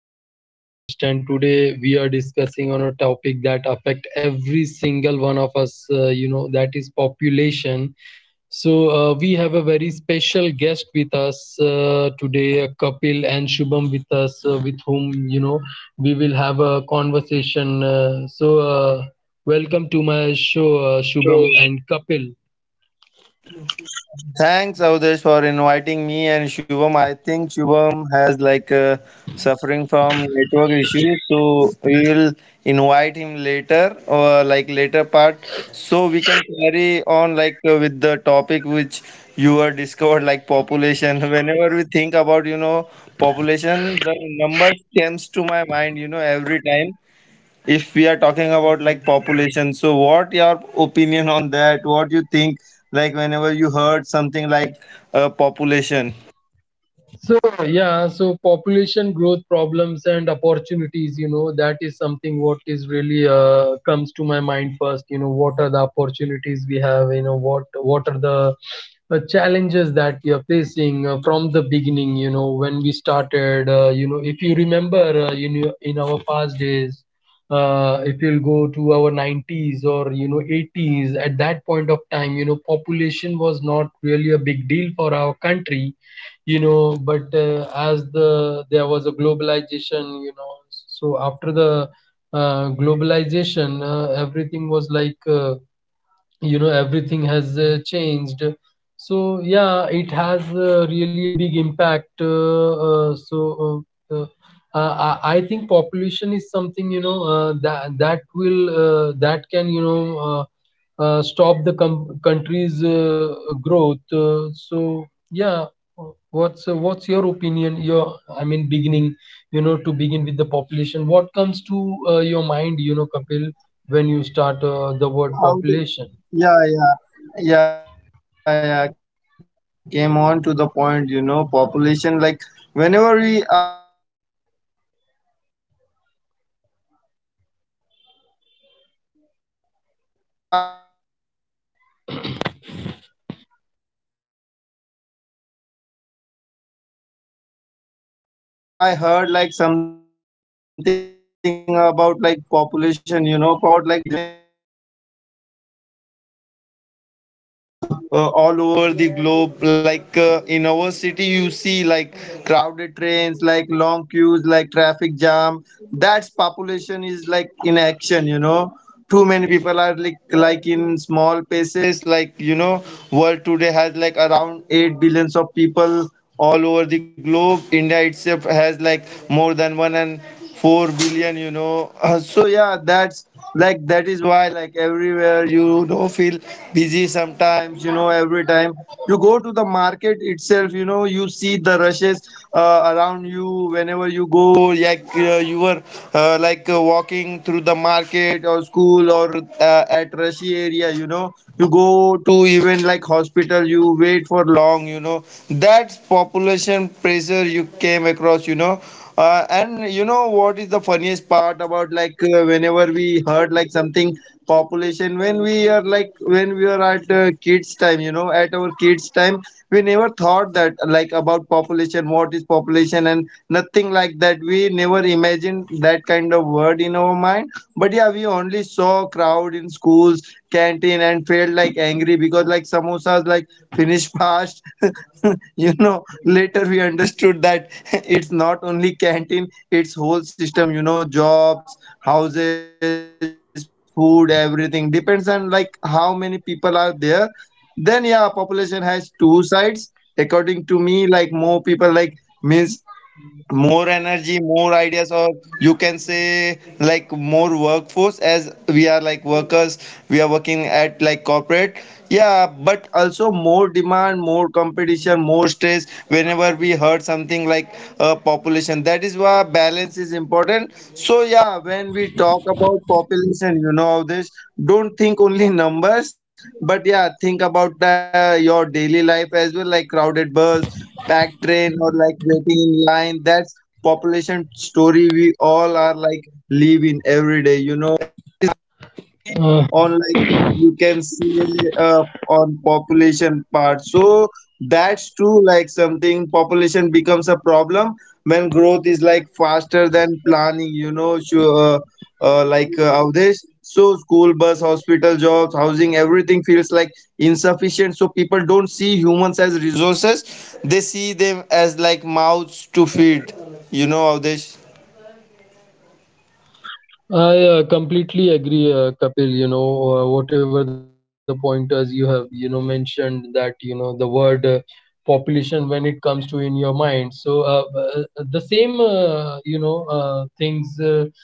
Abdesh, your host, and today we are discussing on a topic that affect every single one of us. That is population. So we have a very special guest with us today, Kapil and Shubham with us, with whom you know we will have a conversation. So, welcome to my show, True. Shubham and Kapil. Thanks, Avdesh, for inviting me and Shubham. I think Shubham has like suffering from network issues, so we will invite him later or like later part, so we can carry on like with the topic which you were discovered like population. Whenever we think about population, the numbers comes to my mind. You know, every time if we are talking about like population, so what your opinion on that, what you think like whenever you heard something like population, So yeah, so population growth, problems and opportunities, that is something what is really comes to my mind first. What are the opportunities we have? What are the challenges that we are facing from the beginning? When we started, if you remember, in our past days, if you'll go to our 90s or 80s, at that point of time, population was not really a big deal for our country, but as there was a globalization, so after the globalization, everything was like, everything has changed. So yeah, it has really a big impact. Uh, uh, so uh, uh, uh, i I think population is something, that can, stop the country's growth. Uh, so yeah, what's your opinion, your I mean, beginning, to begin with the population, what comes to your mind, Kapil, when you how they, start the word yeah, yeah, population? yeah, yeah, came on to the point, you know, population, like whenever we I heard like something about like population, you know, population always like whenever I think it's just about like people, you know, how many people are living in one places across the different different like places, like in a small town, state, like country wise you can say, like it's a simple thing, you know, but the population has big impact, you know, in today's life, all over the globe. So like in our city you see like crowded trains, like long queues, like traffic jam, that's population is like in action, you know, too many people are like in small places, like, you know, world today has like around 8 billions of people all over the globe. India itself has like more than one and 4 billion, you know. So yeah, that's like that is why like everywhere, you know, feel busy sometimes, you know, every time you go to the market itself, you know, you see the rushes around you, whenever you go like you were like walking through the market or school or at rushy area, you know, you go to even like hospital, you wait for long, you know, that's population pressure you came across, you know, and you know what is the funniest part about like whenever we heard like something population, when we are like when we are at kids time, you know, at our kids time we never thought that like about population, what is population, and nothing like that, we never imagined that kind of word in our mind. But yeah, we only saw crowd in schools canteen and felt like angry because like samosas like finish fast. You know, later we understood that it's not only canteen, it's whole system, you know, jobs, houses, food, everything depends on like how many people are there. Then yeah, population has two sides according to me, like more people like means more energy, more ideas, or you can say like more workforce, as we are like workers, we are working at like corporate, yeah, but also more demand, more competition, more stress, whenever we heard something like population, that is why balance is important. So yeah, when we talk about population, you know, this don't think only numbers, but yeah think about your daily life as well, like crowded bus, packed train or like waiting in line, that's population story we all are like live in every day, you know, on like you can Uh, say on population part. So that's true, like something population becomes a problem when growth is like faster than planning, you know. Sure, like Avdesh. So school bus, hospital, jobs, housing, everything feels like insufficient. So people don't see humans as resources; they see them as like mouths to feed. You know, Avdesh. I completely agree, Kapil. Whatever the pointers you have, mentioned that, the word population when it comes to in your mind. So, the same, things uh,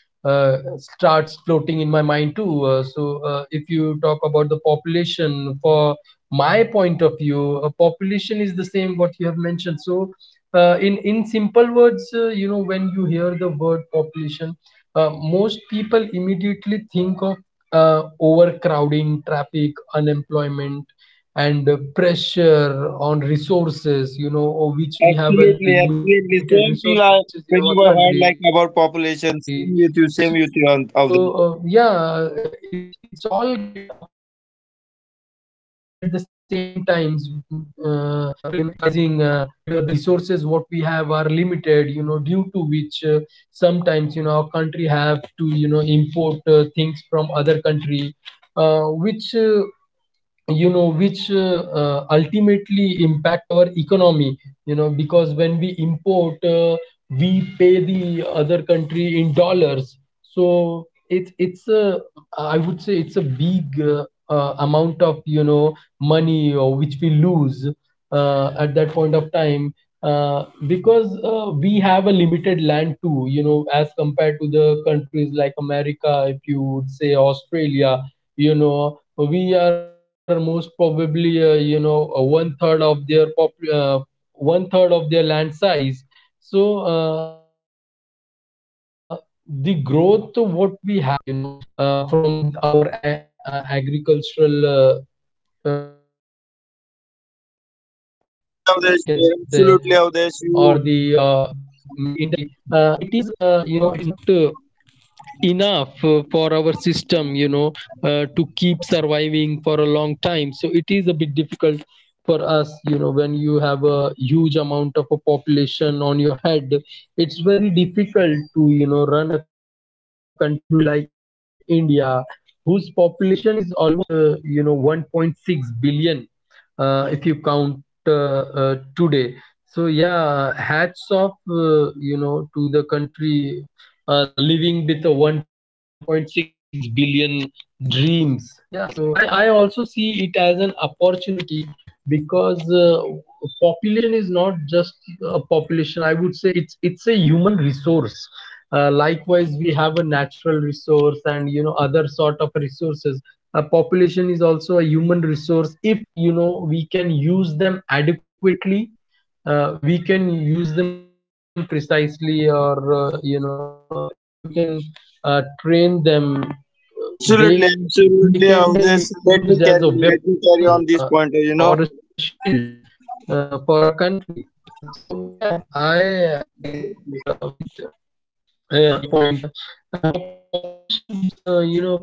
uh, starts floating in my mind too. So, if you talk about the population, for my point of view, population is the same what you have mentioned. So, in simple words, when you hear the word population, uh, most people immediately think of overcrowding, traffic, unemployment, and pressure on resources, of which we have a Absolutely, limited absolutely. resources in our Same feel I country. when you were So heard uh, like yeah, about population. it's it's all Same get with you, affected at Avdesh. the same times. Uh, the population, it keeps rising, but the resources what we have are limited, due to which. Sometimes our country have to import things from other country, which, ultimately impact our economy, because when we import, we pay the other country in dollars. So it's a I would say, it's a big, amount of, money, which we lose, at that point of time, uh, because we have a limited land too, as compared to the countries like America. If you would say Australia, you know we are most probably one third of their land size. So, the growth what we have, you know from our agricultural products, you can say, or the manufacturing products what Avdesh, we have from the absolutely, Avdesh. industry, You it is, it is not enough for our system, to keep surviving for a long time. So it is a bit difficult for us, when you have a huge amount of a population on your head. It's very difficult to, run a country like India whose population is almost 1.6 billion, if you count, today. So yeah, hats off, to the country, living with a 1.6 billion dreams. Yeah, so I also see it as an opportunity, because population is not just a population. I would say it's a human resource. Likewise we have a natural resource and, other sort of resources. A population is also a human resource. If, we can use them adequately, we can use them precisely, or if you can train them, they can be used as absolutely, a weapon, absolutely, Avdesh. Let or a me carry, shield, let me carry on for this a point. You country. know, So yeah, I agree with your point. Pop, populations you know Population become problem when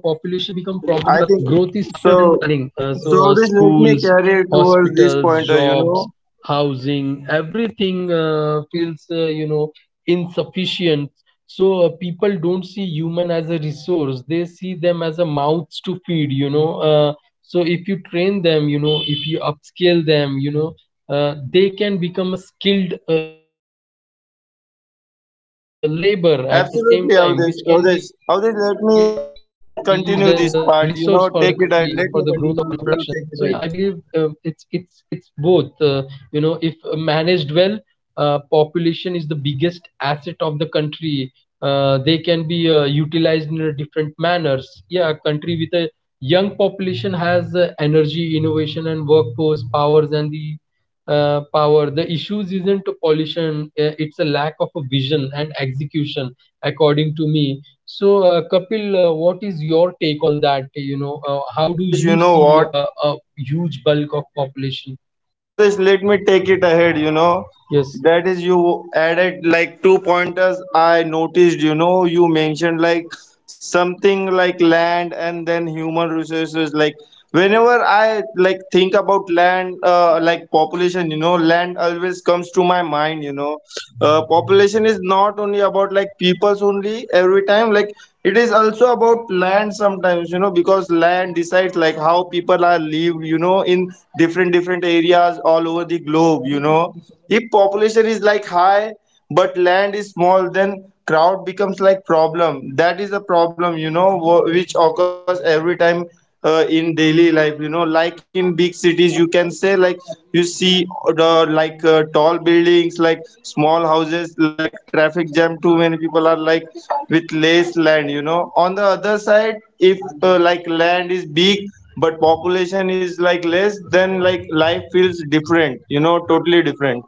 growth is I think faster than the planning. so. So, So this let schools, me carry towards this hospitals, pointer, you jobs, know. housing, everything feels, insufficient. So, people don't see human as a resource. They see them as a mouths to feed, so if you train them, if you upscale them, they can become a skilled labor at the same time, which can be, yeah, Absolutely, used Avdesh, as a Avdesh, resource Avdesh, for the let me country, for continue the this growth of part, a you know, country or take it for a ahead, let me production. continue, So you know, yeah, I take it ahead. believe it's both. If managed well, population is the biggest asset of the country. They can be utilized in a different manners. Yeah, a country with a young population has energy, innovation, and workforce powers, and the power. The issues isn't pollution; it's a lack of a vision and execution, according to me. So, Kapil, what is your take on that? So, Avdesh, you know How do what? you see a huge bulk of population? Avdesh, let me take it ahead, you know. That is, Yes. you added like two pointers. I noticed, you know, you mentioned like something like land and then human resources. Like, whenever I like think about land, like population, you know, land always comes to my mind, you know. Population is not only about like peoples only every time, like, it is also about land sometimes, you know, because land decides like how people are lived, you know, in different different areas all over the globe, you know. If population is like high but land is small, then crowd becomes like problem, that is a problem, you know, which occurs every time in daily life, you know, like in big cities you can say, like you see the like tall buildings, like small houses, like traffic jam, too many people are like with less land, you know. On the other side, if like land is big but population is like less, then like life feels different, you know, totally different.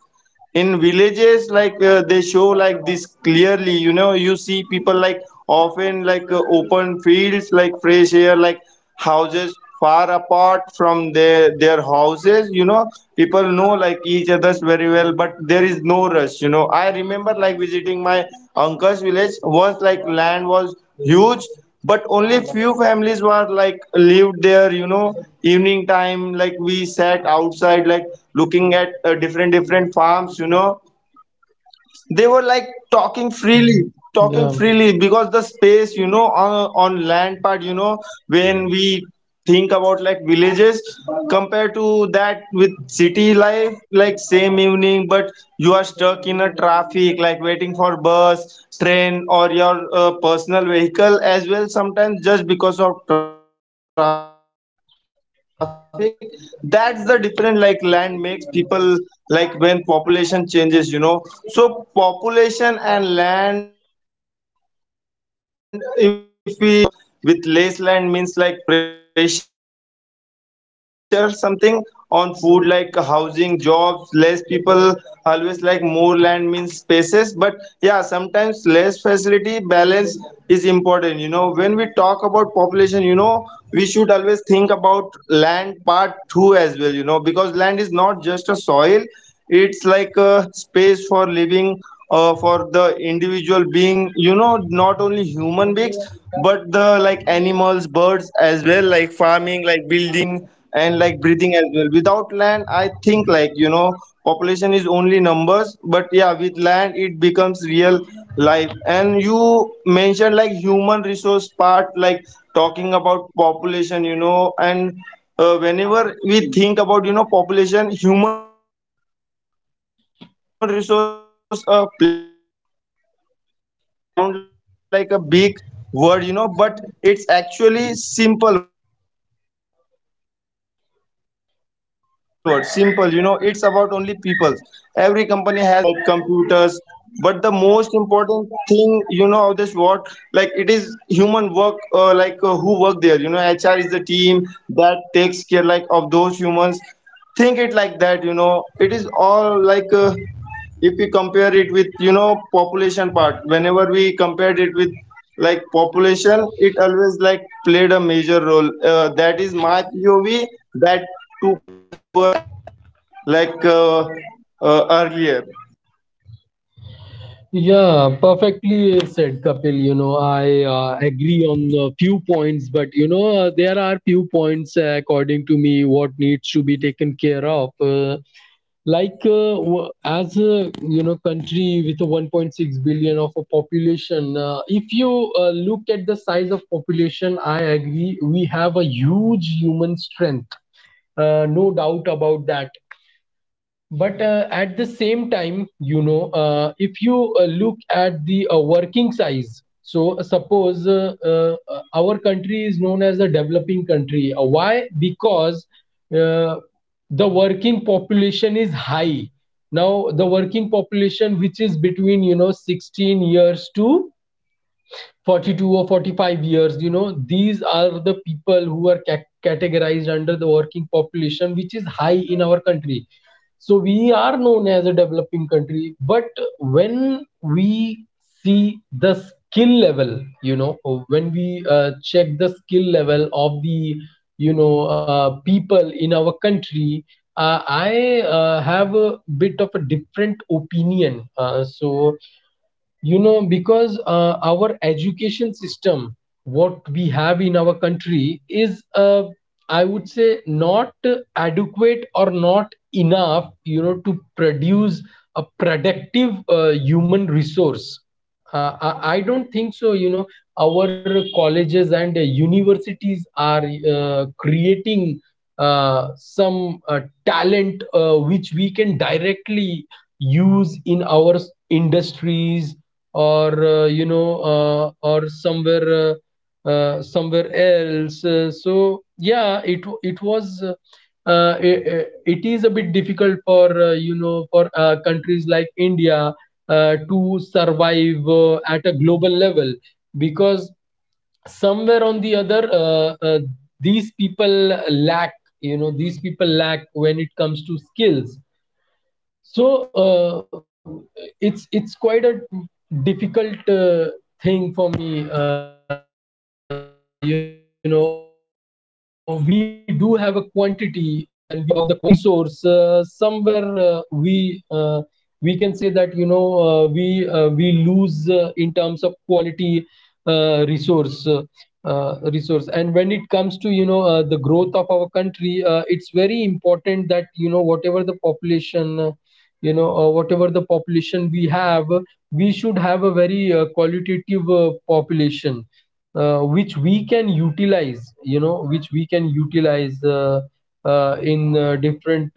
In villages, like they show like this clearly, you know, you see people like often like open fields, like fresh air, like houses far apart from their houses, you know, people know like each others very well, but there is no rush, you know. I remember like visiting my uncle's village once, like land was huge but only few families were like lived there, you know. Evening time, like we sat outside like looking at different different farms, you know, they were like talking freely Yeah, talking freely because the space, you know, on land part, you know. When we think about like villages compared to that with city life, like same evening but you are stuck in a traffic, like waiting for bus, train or your personal vehicle as well, sometimes just because of traffic, that's the different like land makes people like, when population changes, you know. So population and land if we compare, like always go together, you know, more people with less land means like pressure something on food, like housing, jobs, less people always like more land means spaces, but yeah sometimes less facility, balance is important, you know. When we talk about population, you know, we should always think about land part 2 as well, you know, because land is not just a soil, it's like a space for living, for the individual being, you know, not only human beings but the like animals, birds as well, like farming, like building and like breathing as well. Without land, I think like, you know, population is only numbers, but yeah with land it becomes real life. And you mentioned like human resource part, like talking about population, you know, and whenever we think about, you know, population, human resource played like a major role between that, you know, because human resource sound like a big word, you know, but it's actually simple word simple, you know, it's about only people. Every company has like machines, you know, uh, sometimes buildings like computers, but the most important thing, you know, of this work, like it is human work like who work there, you know. HR is the team that takes care like of those humans, think it like that, you know, it is all like if we compare it with, you know, population part, whenever we compared it with like population, it always like played a major role, that is my pov, that 2% like earlier. yeah, perfectly said, Kapil. I agree on a few points, but there are few points according to Yeah, me what absolutely, needs Avdesh. to be taken Absolutely, care Avdesh. of. Let's carry like, with your next question if as you a, have, then like country we with will a discuss it 1.6 more. billion of a population, if you look at the size of population, I agree we have a huge human strength. No doubt about that, but at the same time, if you look at the working size. So, suppose, our country is known as a developing country. Why? Because uh, the working population is high. Now, the working population, which is between, 16 years to 42 or 45 years, these are the people who are categorized under the working population, which is high in our country. So we are known as a developing country. But when we see the skill level, when we check the skill level of the, people in our country, I have a bit of a different opinion. Because our education system what we have in our country is, I would say, not adequate or not enough, to produce a productive human resource. I don't think so. Our colleges and universities are creating some talent which we can directly use in our industries or or somewhere. Somewhere else. So yeah, it is a bit difficult for, for countries like India, to survive at a global level, because somewhere on the other, these people lack, when it comes to skills. So, it's quite a difficult thing for me. We do have a quantity, but when we talk about the quality resource, somewhere we can say that, we lose in terms of quality resource resource. And when it comes to, the growth of our country, it's very important that, whatever the population we have, we should have a very qualitative population, which we can utilize. In different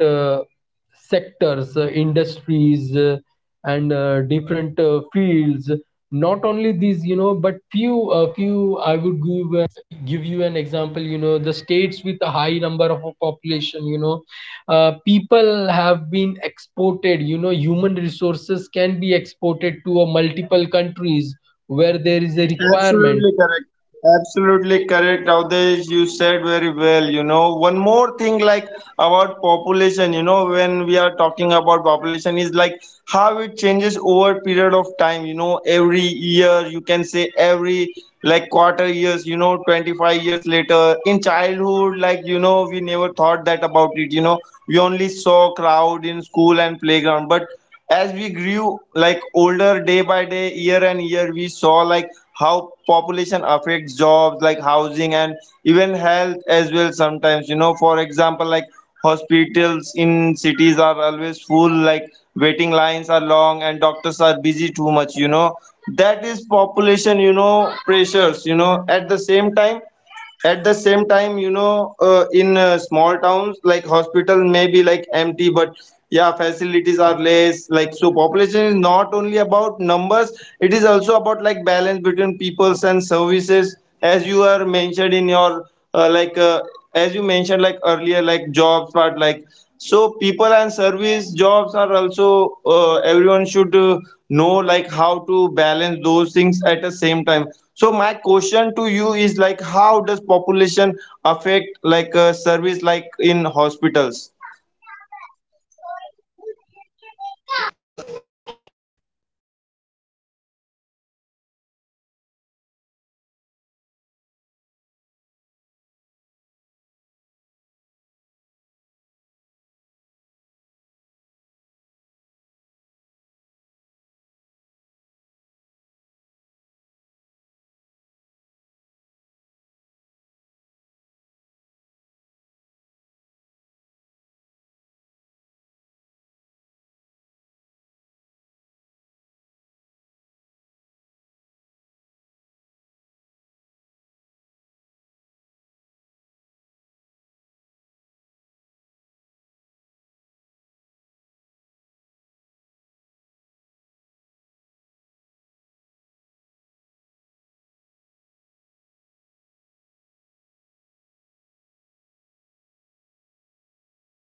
sectors, industries, and different fields. Not only these, but few a few, I would give you an example. The states with a high number of a population, people have been exported. Human resources can be exported to a multiple countries where there is a requirement Absolutely correct. Absolutely correct, Avdesh. You said very well. You know, one more thing like about population, you know, when we are talking about population is like how it changes over period of time, you know, every year, you can say every like quarter years, you know, 25 years later. In childhood, like, you know, we never thought that about it, you know, we only saw crowd in school and playground. But as we grew like older day by day, year and year, we saw like how population affects jobs, like housing and even health as well sometimes, you know, for example, like hospitals in cities are always full, like waiting lines are long and doctors are busy too much, you know, that is population, you know, pressures, you know. At the same time, you know, in small towns like hospital may be like empty, but yeah facilities are less, like so population is not only about numbers, it is also about like balance between peoples and services, as you are mentioned in your like as you mentioned like earlier, like jobs part like. So people and service jobs are also, everyone should know like how to balance those things at the same time. So my question to you is like, how does population affect like service like in hospitals